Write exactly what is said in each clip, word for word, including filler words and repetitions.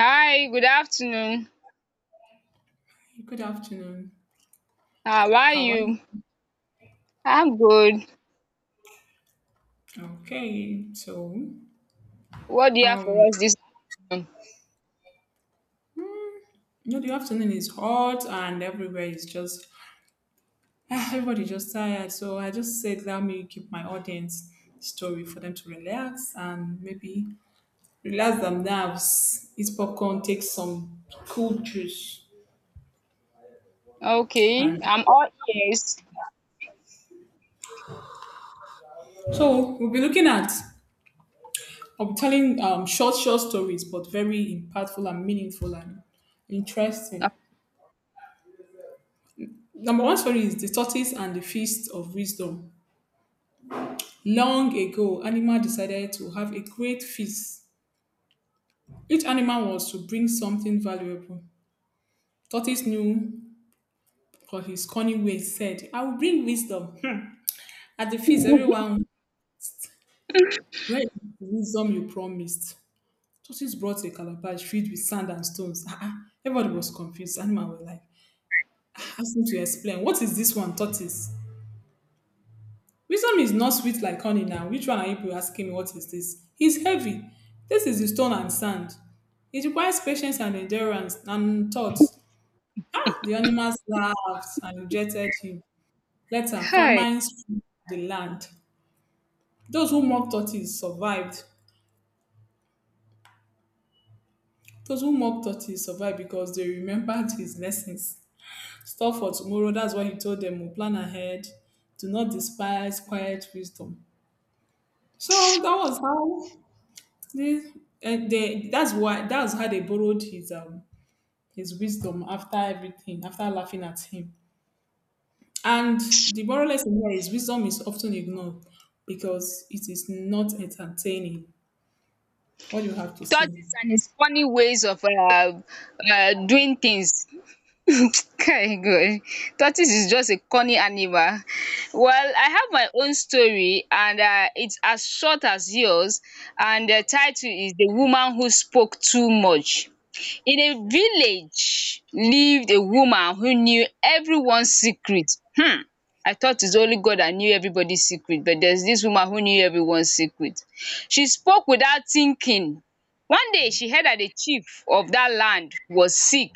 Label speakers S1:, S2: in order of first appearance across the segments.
S1: Hi, good afternoon.
S2: Hey, good afternoon.
S1: How are
S2: How are you?
S1: you? I'm good.
S2: Okay, so
S1: What do you have
S2: um,
S1: for us this afternoon?
S2: you know the afternoon is hot and everywhere is just ah, everybody just tired. So I just said let me give my audience story for them to relax and maybe relax their nerves, eat popcorn, take some cool juice,
S1: Okay,
S2: and
S1: I'm all ears.
S2: so we'll be looking at I'll be telling um short short stories, but very impactful and meaningful and interesting. Number one story is the tortoise and the feast of wisdom. Long ago, animal decided to have a great feast. Each animal was to bring something valuable. Tortoise knew for his cunning ways said, I will bring wisdom. At the feast, everyone, where is the wisdom you promised? Tortoise brought a calabash filled with sand and stones. Ah, ah. Everybody was confused. Animal were like, ask him to explain. What is this one, tortoise? Wisdom is not sweet like honey now. Which one are you asking me? What is this? It's heavy. This is the stone and sand. It requires patience and endurance and thought. The animals laughed and rejected him. Later,
S1: Kai,
S2: famine swept the land. Those who mocked tortoise survived. Those who mocked tortoise survived because they remembered his lessons. Store for tomorrow. That's why he told them, we plan ahead. Do not despise quiet wisdom. So that was how this, and they, that's why that's how they borrowed his um his wisdom after everything, after laughing at him. And the moral lesson here is wisdom is often ignored because it is not entertaining. What do you have to say?
S1: tortoise and his funny ways of uh, uh, doing things. Okay, good. Tortoise is just a corny animal. Well, I have my own story, and uh, it's as short as yours. And the title is The Woman Who Spoke Too Much. In a village lived a woman who knew everyone's secret. Hmm! I thought it's only God that knew everybody's secret, but there's this woman who knew everyone's secret. She spoke without thinking. One day she heard that the chief of that land was sick.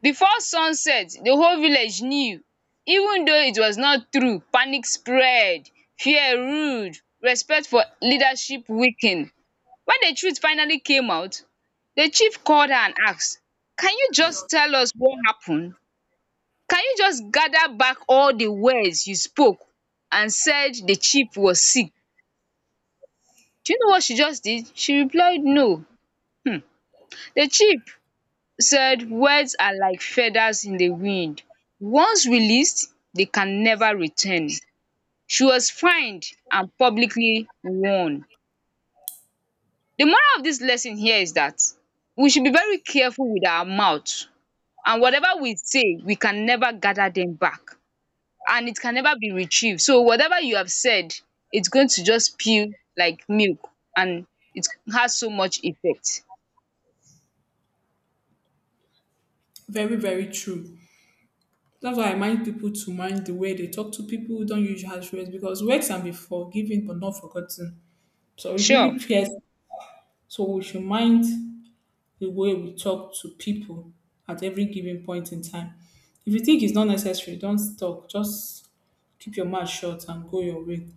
S1: Before sunset, the whole village knew. Even though it was not true, panic spread, fear ruled, respect for leadership weakened. When the truth finally came out, the chief called her and asked, "Can you just tell us what happened? Can you just gather back all the words you spoke and said the chief was sick?" Do you know what she just did? She replied, "No." Hmm. The chief said, "Words are like feathers in the wind. Once released, they can never return." She was fined and publicly warned. The moral of this lesson here is that we should be very careful with our mouth. And whatever we say, we can never gather them back. And it can never be retrieved. So whatever you have said, it's going to just spill like milk, and it has so much effect.
S2: Very, very true. That's why I mind people to mind the way they talk to people, don't use harsh words because words can be forgiven but not forgotten. So it really
S1: Sure.
S2: pierces. So we should mind the way we talk to people at every given point in time. If you think it's not necessary, don't talk. Just keep your mouth shut and go your way.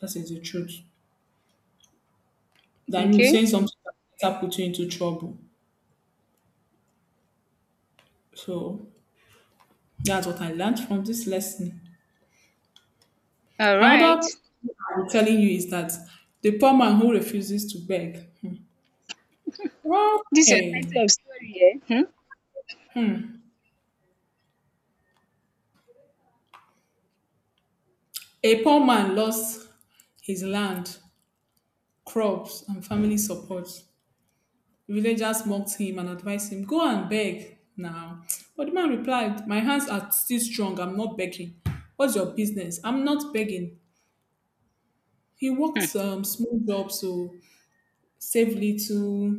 S2: That is the truth. Than you
S1: Okay.
S2: saying something that later put you into trouble. So that's what I learned from this lesson.
S1: All right.
S2: Another thing I'm telling you is that the poor man who refuses to beg. Well,
S1: This is your
S2: okay.
S1: title of story, eh? Hmm?
S2: A poor man lost his land, crops, and family support. Villagers mocked him and advised him, go and beg now. But the man replied, my hands are still strong. I'm not begging. What's your business? I'm not begging. He worked some small jobs to save little,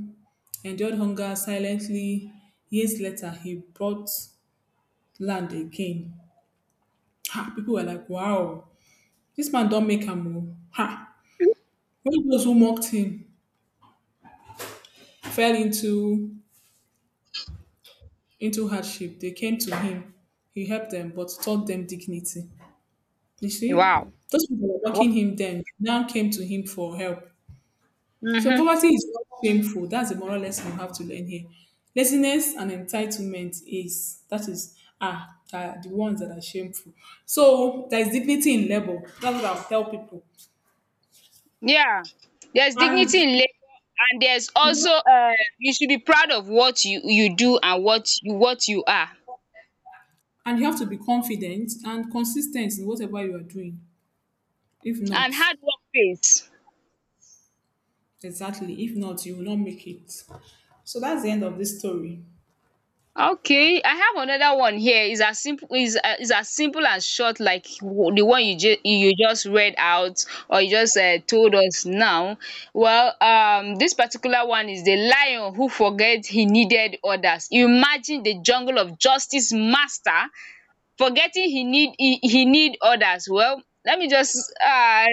S2: endured hunger silently. Years later, he bought land again. Ha, people were like, wow, this man don't make a move. Ha. When those who mocked him fell into into hardship, they came to him. He helped them but taught them dignity. You
S1: Hmm.
S2: see,
S1: Wow.
S2: those people were
S1: Wow.
S2: mocking him then now came to him for help. So
S1: Mm-hmm.
S2: poverty is not shameful. That's the moral lesson you have to learn here. Laziness and entitlement is that is ah are the ones that are shameful. So there is dignity in labor. That's what I'll tell people.
S1: Yeah. There's
S2: And
S1: dignity in labor, and there's also uh, you should be proud of what you, you do and what you what you are.
S2: and you have to be confident and consistent in whatever you are doing. If
S1: And
S2: not,
S1: hard work pays.
S2: exactly. If not, you will not make it. So that's the end of this story.
S1: Okay, I have another one here. It's as simple is uh, is as simple and short like w- the one you just you just read out, or you just uh, told us now. Well, um, this particular one is the lion who forget he needed others. Imagine the jungle of justice master forgetting he need he, he need others. Well, let me just uh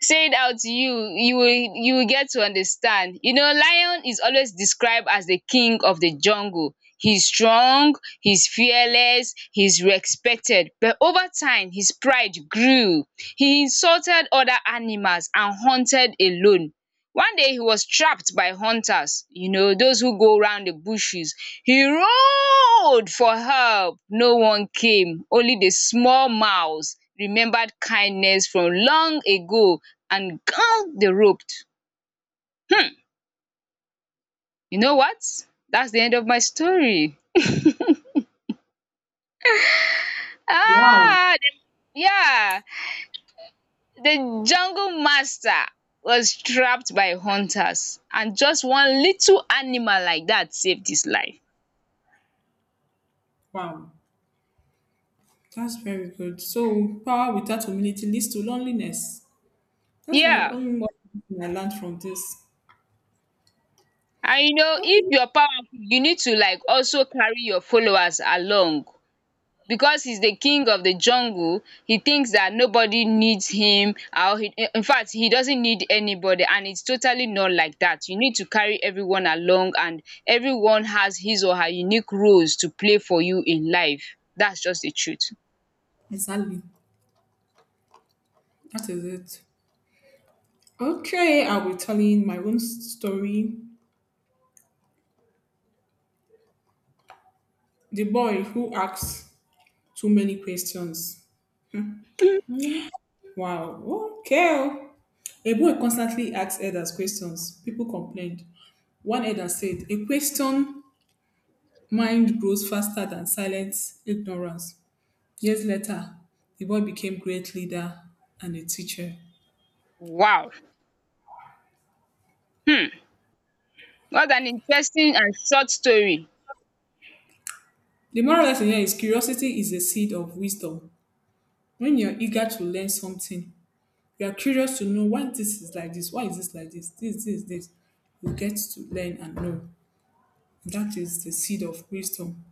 S1: say it out to you. You will you will get to understand. You know, lion is always described as the king of the jungle. He's strong, he's fearless, he's respected, but over time his pride grew. He insulted other animals and hunted alone. One day he was trapped by hunters, you know, those who go round the bushes. He roared for help. No one came. Only the small mouse remembered kindness from long ago and hung the rope. You know what? That's the end of my story.
S2: Wow.
S1: Ah, the- yeah, the jungle master was trapped by hunters, and just one little animal like that saved his life.
S2: Wow. That's very good. So power without humility leads to loneliness. That's my
S1: Yeah.
S2: own one thing I learned from this.
S1: And you know, if
S2: Okay.
S1: you're powerful, you need to like also carry your followers along, because he's the king of the jungle. He thinks that nobody needs him, or he infact he doesn't need anybody, and it's totally not like that. You need to carry everyone along, and everyone has his or her unique roles to play for you in life. That's just the truth.
S2: Exactly. That is it. Okay, I'll be telling my own story. The boy who asks too many questions. Wow. Okay. A boy constantly asked others questions. People complained. One elder said, a question mind grows faster than silent ignorance. Years later, the boy became great leader and a teacher.
S1: Wow! um what an interesting and short story.
S2: The moral lesson here is curiosity is the seed of wisdom. When you're eager to learn something, you are curious to know why this is like this, why is this like this, this, this, this. You get to learn and know. That is the seed of wisdom.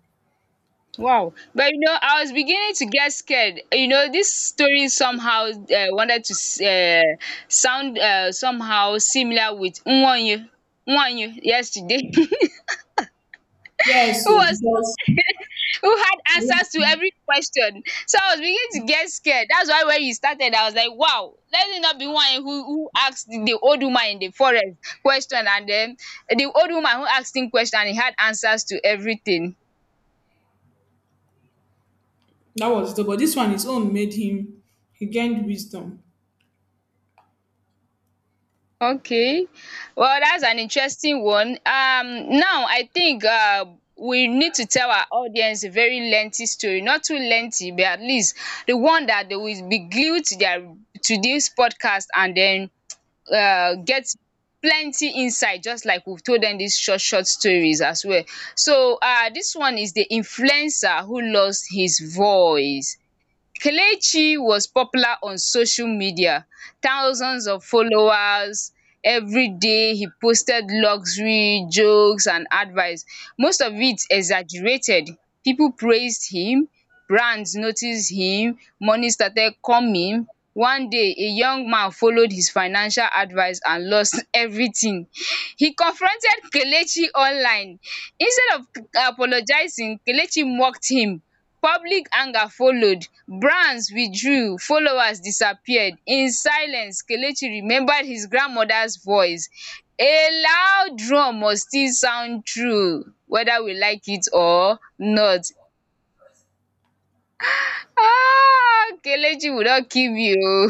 S1: Wow. But you know, I was beginning to get scared. You know, this story somehow uh, wanted to s- uh, sound uh, somehow similar with Nwanyu. Nwanyu yesterday, who
S2: Yes, so
S1: was,
S2: because
S1: who had
S2: yeah,
S1: answers to every question. So I was beginning to get scared. That's why when you started, I was like, wow, let it not be one who, who asked the old woman in the forest question, and then the old woman who asked him question, and he had answers to everything.
S2: that was the but this one his own made him he gained wisdom.
S1: Okay, well that's an interesting one. Um, now I think um we need to tell our audience a very lengthy story, not too lengthy, but at least the one that they will be glued to their to this podcast, and then um get plenty insight just like we've told them these short short stories as well. So um this one is the influencer who lost his voice. Kelechi was popular on social media, thousands of followers. Every day he posted luxury, jokes and advice. Most of it exaggerated. People praised him, brands noticed him, money started coming. One day, a young man followed his financial advice and lost everything. He confronted Kelechi online. Instead of apologizing, Kelechi mocked him. Public anger followed, brands withdrew, followers disappeared. In silence, Kelechi remembered his grandmother's voice, "A loud drum must still sound true whether we like it or not." Ah! Kelechi will not kill me oo.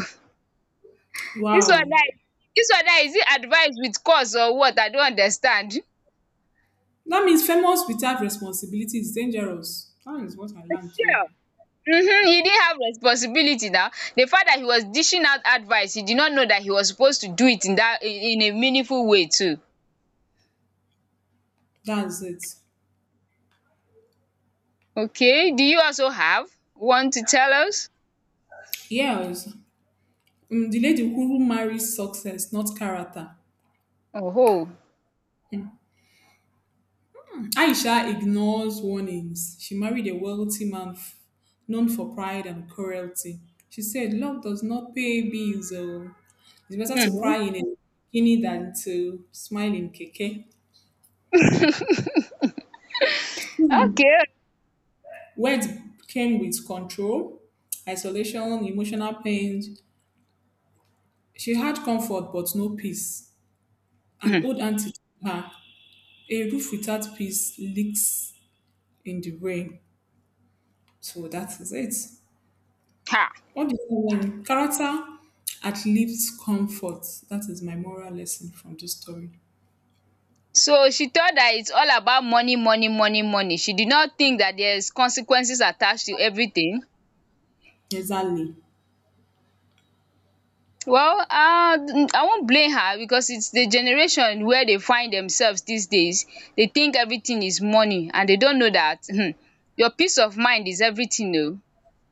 S1: Dis one
S2: Wow.
S1: now, dis one now, is it advice with curse or what? I no understand.
S2: That means famous without responsibility is dangerous. That is what I learned too.
S1: Sure. Mhm, he didn't have responsibility now. The fact that he was dishing out advice, he did not know that he was supposed to do it in that in in a meaningful way too.
S2: That's it.
S1: Okay, do you also have one to tell us?
S2: Yes. um the lady who marries success not character.
S1: Oh,
S2: Um aisha ignores warnings. She married a wealthy man f- known for pride and cruelty. She said love does not pay bills. Oh, it's better to
S1: mm-hmm.
S2: cry in a bikini than to smile in keke. Hmm.
S1: Okay.
S2: Words came with control, isolation, emotional pain. She had comfort but no peace. An
S1: Mhm.
S2: old auntie told her, a roof without peace leaks in the rain. So that is it.
S1: Ha.
S2: What do you learn? Character outlives comfort. That is my moral lesson from this story.
S1: So she thought that it's all about money, money, money, money. She did not think that there's consequences attached to everything.
S2: Exactly.
S1: Well, um I won't blame her, because it's the generation where they find themselves these days. They think everything is money, and they don't know that um your peace of mind is everything oh.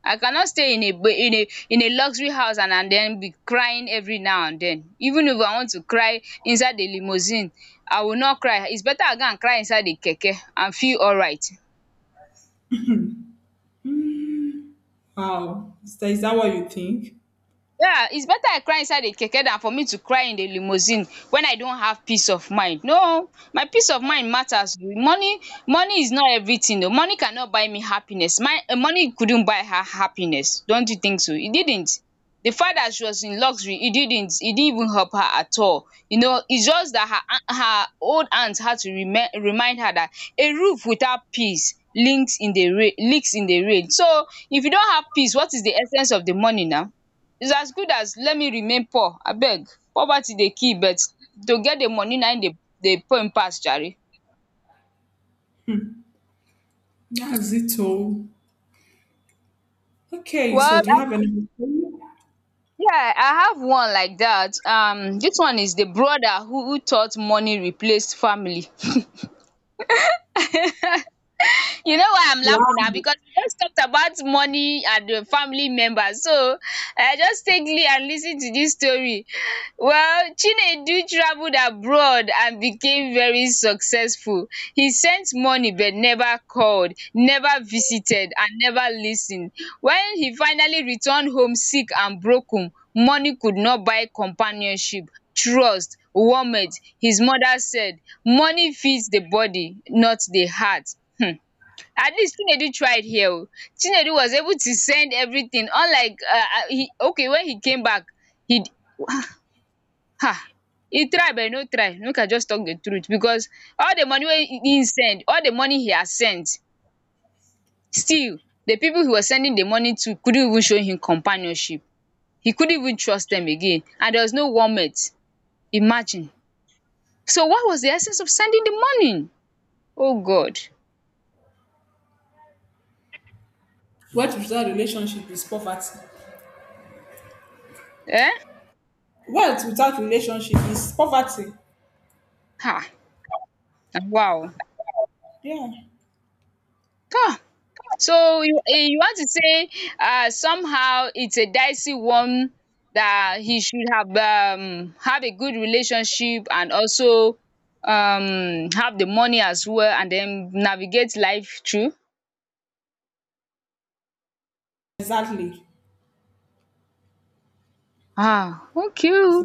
S1: I cannot stay in a ba- in a in a luxury house and and then be crying every now and then. Even if I want to cry inside the limousine, I will not cry. It's better I go and cry inside the keke and feel alright.
S2: Wow. Is that, is that what you think?
S1: Yeah, it's better I cry inside a keke than for me to cry in the limousine when I don't have peace of mind. No, my peace of mind matters. Money, money is not everything. Oh. Money cannot buy me happiness. My eh, money couldn't buy her happiness. Don't you think so? It didn't. The fact that she was in luxury, it didn't. It didn't even help her at all. You know, it's just that her a- her old aunt had to remind remind her that a roof without peace links in the rain, leaks in the rain. So if you don't have peace, what is the essence of the money now? It's as good as let me remain poor abeg, poverty dey kill, but to get the money na im dey dey pain pass jare.
S2: That's it all. Okay, so
S1: Well,
S2: do you
S1: I
S2: have any.
S1: yeah, I have one like dat. Um, dis one is the brother who who thought money replaced family. You know why I'm
S2: Wow.
S1: laughing now? Because we just talked about money and the family members. So I just take li- and listen to this story. Well, Chinedu traveled abroad and became very successful. He sent money but never called, never visited, and never listened. When he finally returned home sick and broken, money could not buy companionship, trust, warmth. His mother said, "Money feeds the body, not the heart." At least Chinedu tried here oh. Chinedu was able to send everything, unlike uh, uh, he okay when he came back he d- ha, he tried but no try, make I just talk the truth. Because all the money wey he he send, all the money he has sent, still the people he was sending the money to couldn't even show him companionship. He couldn't even trust them again, and there was no warmth. Imagine, so what was the essence of sending the money? Oh God.
S2: What without relationship is poverty.
S1: Eh,
S2: What without relationship is poverty.
S1: ha, wow.
S2: Yeah.
S1: Ah. So you, eh, you want to say um somehow it's a dicey one, that he should have um have a good relationship and also um have the money as well, and then navigate life through?
S2: Exactly.
S1: Ah okay.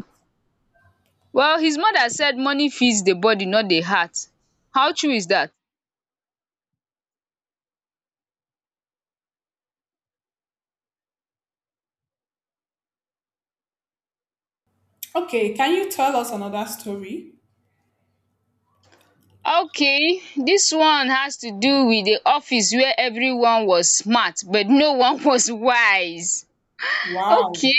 S1: Well, his mother said money feeds the body, not the heart. How true is that?
S2: Okay, can you tell us another story?
S1: Okay, this one has to do with the office where everyone was smart but no one was wise.
S2: Wow.
S1: Okay.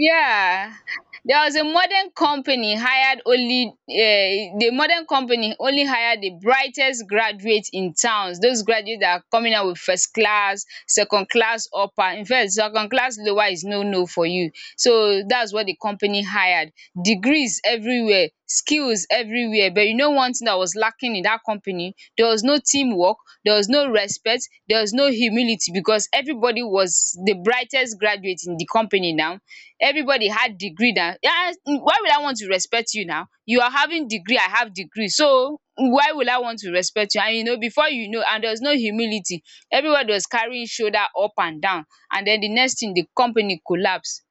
S1: Yeah, there was a modern company hired only eh, the modern company only hired the brightest graduates in towns. Those graduates that are coming out with first class, second class upper. In fact, second class lower is no no for you. So that's what the company hired. Degrees everywhere, skills everywhere. But you know one thing that was lacking in that company? There was no teamwork, there was no respect, there was no humility, because everybody was the brightest graduate in the company now. Everybody had degree now. Yeah, why would I want to respect you now? You are having degree, I have degree. So why will I want to respect you? And you know, before you know, and there was no humility. Everybody was carrying shoulder up and down. And then the next thing, the company collapsed.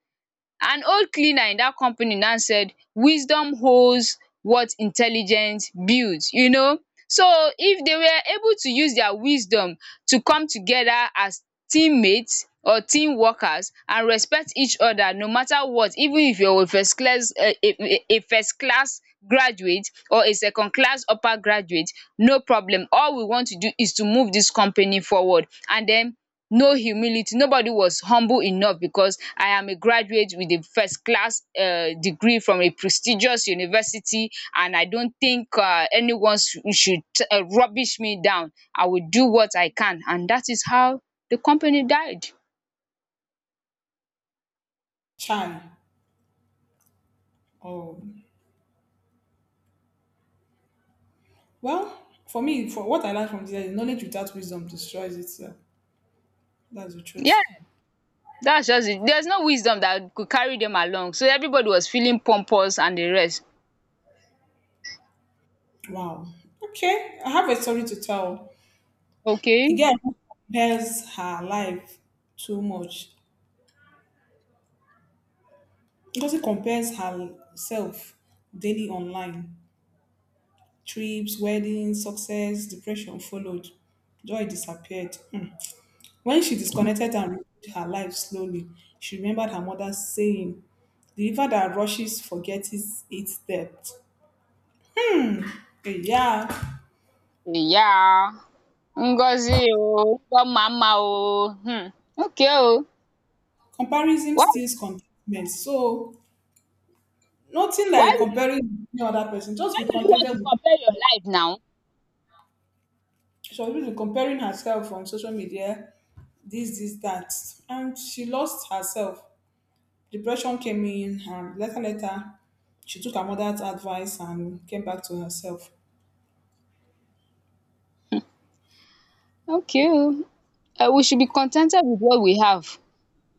S1: An old cleaner in that company now said, wisdom holds what intelligence builds, you know. So if they were able to use their wisdom to come together as teammates or team workers and respect each other no matter what, even if you're a first class a a a first class graduate or a second class upper graduate, no problem. All we want to do is to move this company forward. And then no humility, nobody was humble enough because I am a graduate with a first class uh, degree from a prestigious university, and I don't think uh, anyone sh- should uh, rubbish me down. I will do what I can, and that is how the company died.
S2: Chai. Oh. Well, for me, for what I learned from this, knowledge without wisdom destroys itself. That's the
S1: Yeah,
S2: truth.
S1: that's just it. There's no wisdom that could carry them along, so everybody was feeling pompous and the rest.
S2: Wow. Okay, I have a story to tell.
S1: Okay.
S2: The girl who compares her life too much, because she compares herself daily online. Trips, weddings, success, depression followed. Joy disappeared. Hmm. When she disconnected and rebuilt her life slowly, she remembered her mother saying, the river that rushes forgets its depth. Eh, yeah.
S1: Yeah. Ngozi, oh God, mama oh. Hmm. Okay oh.
S2: Comparison
S1: Why?
S2: steals contentment. So nothing
S1: Why
S2: like
S1: will you
S2: comparing with any other person. Just
S1: Why
S2: be
S1: would you really want
S2: contented
S1: to
S2: with.
S1: compare your life now?
S2: She was really comparing herself on social media, this, this, that. And she lost herself. Depression came in and later later she took her mother's advice and came back to herself.
S1: Okay o. Um we should be contented with what we have.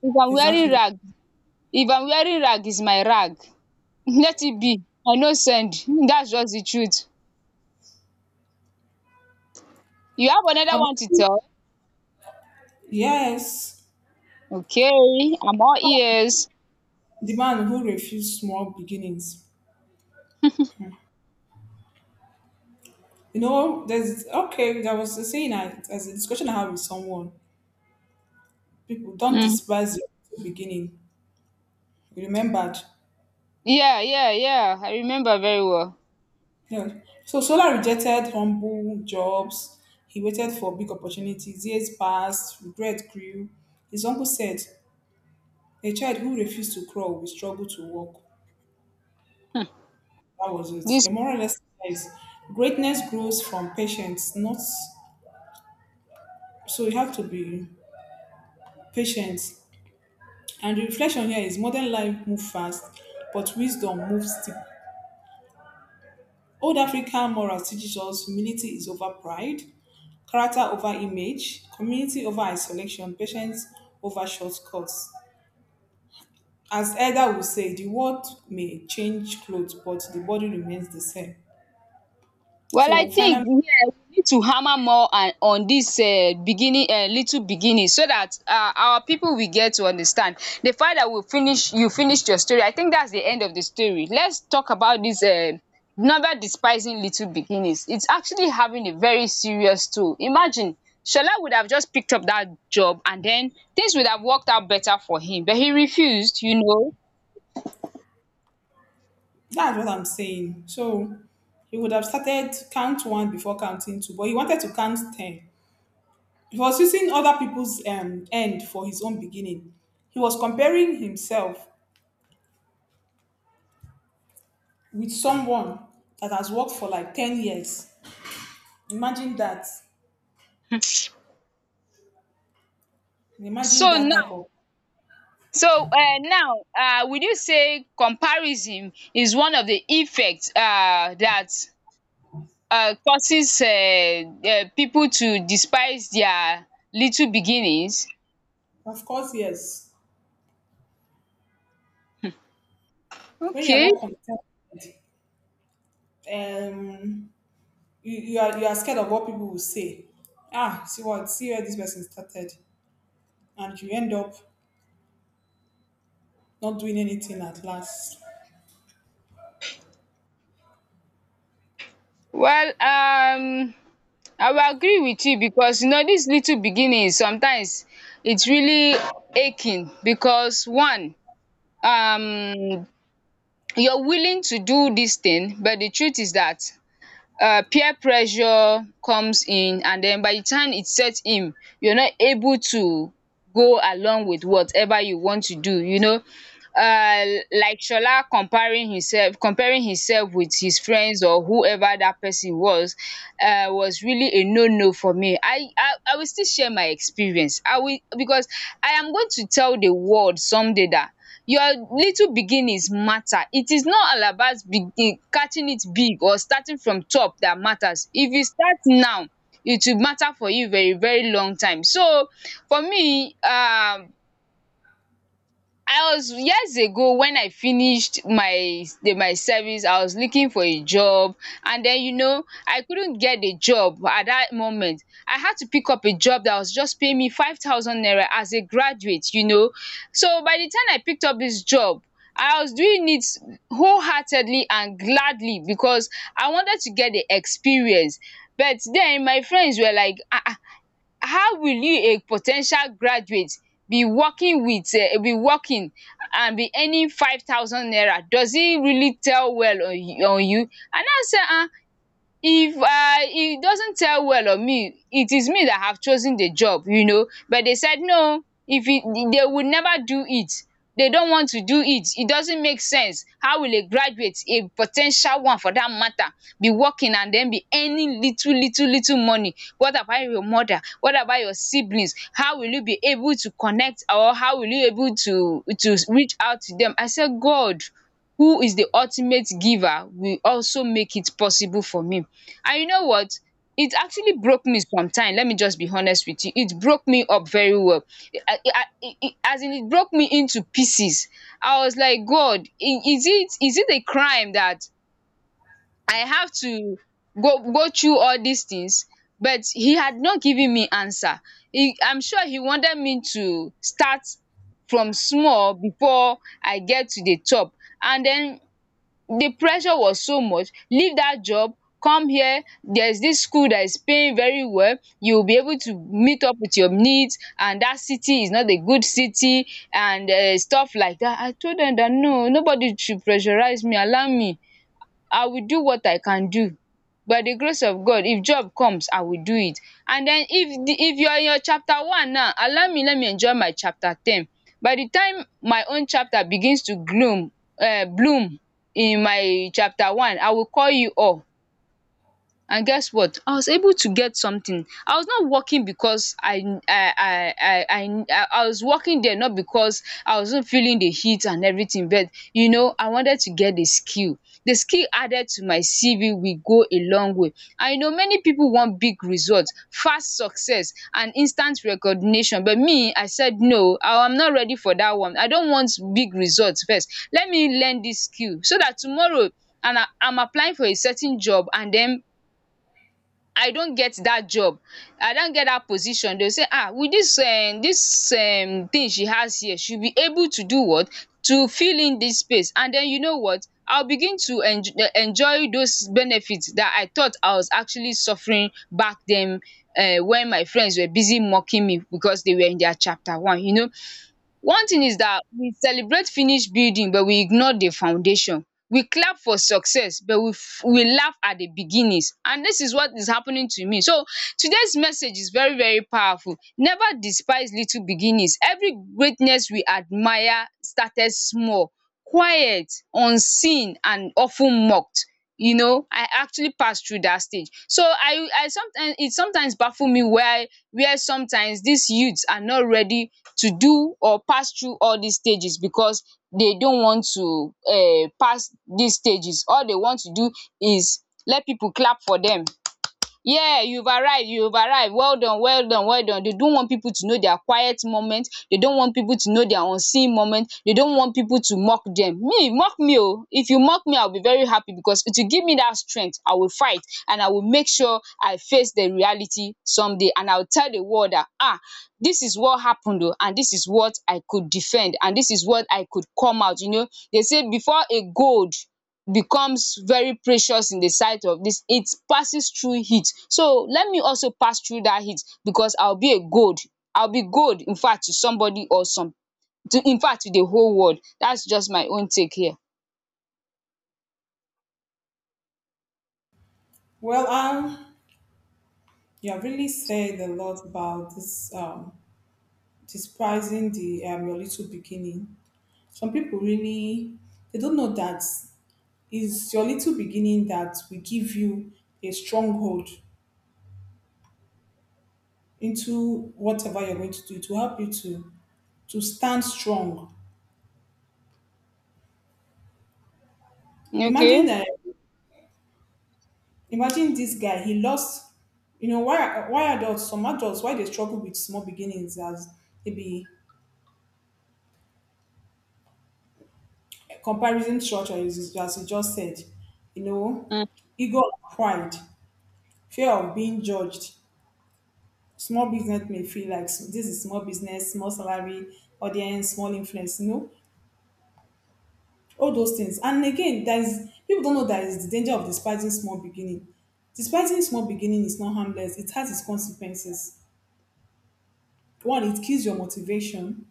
S1: If I'm wearing
S2: Exactly.
S1: rag, if I'm wearing rag, is my rag. Let it be. I no send. That's just the truth. You have
S2: I
S1: another one to
S2: would-
S1: tell?
S2: yes,
S1: Okay, I'm all ears.
S2: the man who refused small beginnings. You know, there's okay. There was a saying I, as a discussion I had with someone. People don't
S1: um
S2: despise the beginning. Remembered.
S1: Yeah, yeah, yeah. I remember very well.
S2: Yeah. So Sola rejected humble jobs. He waited for big opportunities. Years passed, regret grew. His uncle said, a child who refused to crawl will struggle to walk. That was it.
S1: This.
S2: A moral lesson is greatness grows from patience, not so you have to be patient. And the reflection here is modern life moves fast, but wisdom moves deep. Old African morals teaches us humility is over pride, character over image, community over isolation, patience over shortcuts. As Elder would say, the world may change clothes, but the body remains the same.
S1: Well, I
S2: So
S1: think
S2: finally,
S1: here we need to hammer more and on this um beginning, um little beginning, so that um our people will get to understand. The fact that we finish, you finished your story, I think that's the end of the story. Let's talk about this, um never despising little beginnings. It's actually having a very serious toll. Imagine Shola would have just picked up that job and then things would have worked out better for him, but he refused, you know.
S2: that's what I'm saying. So he would have started count one before counting two, but he wanted to count ten. He was using other people's um, end for his own beginning. He was comparing himself with someone that has worked for like ten years. Imagine that. Imagine
S1: So
S2: that type
S1: now,
S2: of.
S1: so uh, now, uh, would you say comparison is one of the effects uh, that uh, causes uh, uh, people to despise their little beginnings?
S2: Of course, yes. When you're
S1: Okay.
S2: not contented, um, you, you are you are scared of what people will say. Ah, see what see where this person started, and you end up not doing anything at last.
S1: Well, um, I will agree with you because you know this little beginning sometimes it's really aching because one, um, you're willing to do this thing, but the truth is that um peer pressure comes in, and den by the time it set in, you are not able to go along with whatever you want to do, you know. Um like Shola comparing himself, comparing himself with his friends or whoever that person was, um was really a no no for me. I I I will still share my experience. I will, because I am going to tell the world someday that your little beginnings matter. It is not all about begin catching it big or starting from top that matters. If you start now, it will matter for you very very long time. So for me, um I was years ago when I finished my the my service, I was looking for a job, and then you know I couldn't get a job at that moment. I had to pick up a job that was just paying me five thousand naira as a graduate, you know. So by the time I picked up this job, I was doing it wholeheartedly and gladly because I wanted to get the experience. But then my friends were like, um how will you, a potential graduate, be working with, um be working and be earning five thousand naira? Does it really tell well on you? On you? And I now say, um if um e doesn't tell well on me, it is me that have chosen the job, you know. But they said no, if it they would never do it, they don't want to do it, it doesn't make sense. How will a graduate, a potential one for that matter, be working and then be earning little little little money? What about your mother, what about your siblings, how will you be able to connect or how will you able to to reach out to them? I said God, who is the ultimate giver, will also make it possible for me. And you know what? It actually broke me sometime. Let me just be honest with you. It broke me up very well. I I I I- as in, it broke me into pieces. I was like, God, i- is it, is it a crime that I have to go go through all these things? But he had not given me answer. He, I'm sure he wanted me to start from small before I get to the top. And then the pressure was so much. Leave that job, come here, there's this school that is paying very well, you'll be able to meet up with your needs, and that city is not a good city, and um stuff like that. I told them that no, nobody should pressurize me, allow me. I will do what I can do. By the grace of God, if job comes, I will do it. And then if the if you are in your chapter one now, allow me, let me enjoy my chapter ten. By the time my own chapter begins to gloom, um bloom, in my chapter one, I will call you all. And guess what? I was able to get something. I was not working because I I I I I I I was working there not because I wasn't feeling the heat and everything, but you know, I wanted to get the skill. The skill added to my C V will go a long way. I know many people want big results, fast success, and instant recognition. But me, I said no, I am not ready for that one. I don't want big results first. Let me learn this skill so that tomorrow, and I, I'm applying for a certain job and then I don get dat job, I don get dat position, dey go say ah, with dis um dis um thing she has here, she will be able to do what, to fill in dis space, and den you know what, I will begin to enj- uh, enjoy those benefits dat I thought I was actually suffering back den, um when my friends were busy mocking me because dey were in their chapter one, you know. One thing is that we celebrate finished building but we ignore the foundation. We clap for success but we f- we laugh at the beginnings, and this is what is happening to me. So today's message is very very powerful. Never despise little beginnings. Every greatness we admire started small, quiet, unseen and of ten mocked. You know, I actually pass through dat stage. So I I sometimes, it sometimes baffle me why, where sometimes dis youths are not ready to do or pass through all dis stages, because they don't want to um pass dis stages. All they want to do is let pipu clap for dem. Yeah, you've arrived, you've arrived. Well done, well done, well done. They don't want people to know their quiet moment. They don't want people to know their unseen moment. They don't want people to mock them. Me, mock me oh. If you mock me, I'll be very happy because it will give me that strength. I will fight and I will make sure I face the reality someday, and I'll tell the world that, ah, this is what happened oh, and this is what I could defend, and this is what I could come out, you know. They say before a gold becomes very precious in the sight of this, it passes through heat. So let me also pass through that heat because I'll be a gold, I'll be gold, in fact, to somebody or some, to, in fact, to the whole world. That's just my own take here.
S2: Well, um, you have really said a lot about this um despising the um your little beginning. Some people really they don't know that it's your little beginning that will give you a stronghold into whatever you're going to do to help you to to stand strong.
S1: Okay.
S2: Imagine uh, imagine this guy. He lost. You know why why adults some adults why they struggle with small beginnings as maybe comparison structure is as you just said. You know, ego, and pride, fear of being judged. Small business may feel like this is small business, small salary, audience, small influence. You know, all those things. And again, there is people don't know that is the danger of despising small beginning. Despising small beginning is not harmless. It has its consequences. One, it kills your motivation.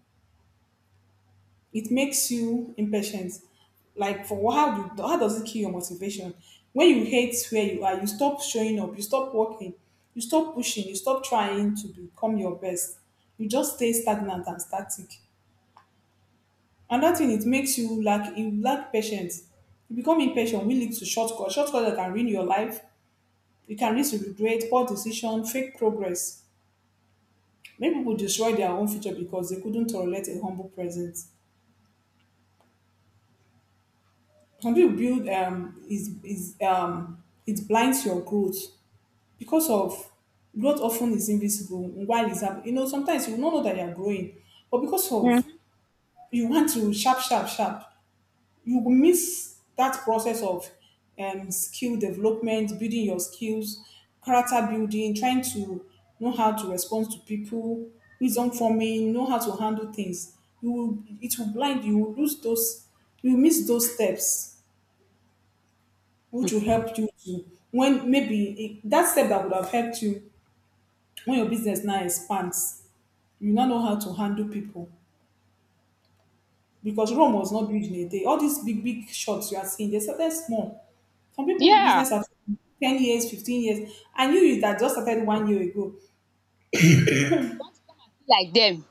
S2: It makes you impatient. Like for what- how do how does it kill your motivation? When you hate where you are, you stop showing up, you stop working, you stop pushing, you stop trying to become your best. You just stay stagnant and static. Another thing it makes you lack you lack patience. You become impatient, which leads to shortcut. Shortcut that can ruin your life. You can lead to regret, poor decision, fake progress. Many people destroy their own future because they couldn't tolerate a humble present. Some people build um is is um it blinds your growth because of growth often is invisible while it's happening. You know, sometimes you will not know that you're growing, but because of
S1: Mm-hmm.
S2: you want to sharp, sharp, sharp, you will miss that process of um, skill development, building your skills, character building, trying to know how to respond to people, wisdom forming, know how to handle things. You will, it will blind you. Will lose those. You will miss those steps, which will help you to when maybe it, that step that would have helped you when your business now expands. You now know how to handle people. Because Rome was not built in a day. All these big, big shots you are seeing, they started small. Some people
S1: Yeah.
S2: business are ten years, fifteen years, and you you that just started one year ago.
S1: Want to come and be like them.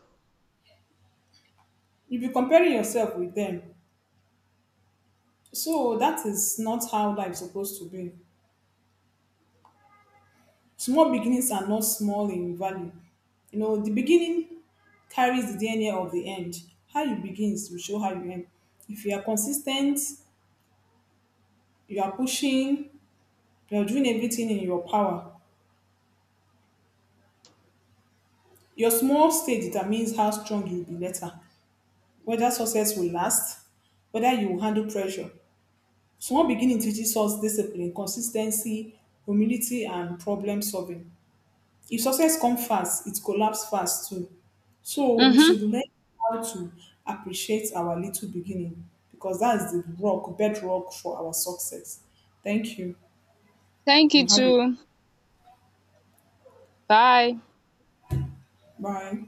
S2: If you're comparing yourself with them, so that is not how life is supposed to be. Small beginnings are not small in value. You know, the beginning carries the D N A of the end. How you begin will show how you end. If you are consistent, you are pushing, you are doing everything in your power, your small stay determines how strong you'll be later, whether success will last, whether you will handle pressure. Small beginning teaches us discipline, consistency, humility, and problem solving. If success comes fast, it collapses fast too. So we should
S1: Mm-hmm.
S2: learn how to appreciate our little beginning because that is the rock, bedrock for our success. Thank you
S1: Thank you
S2: and have a
S1: too. Bye.
S2: bye.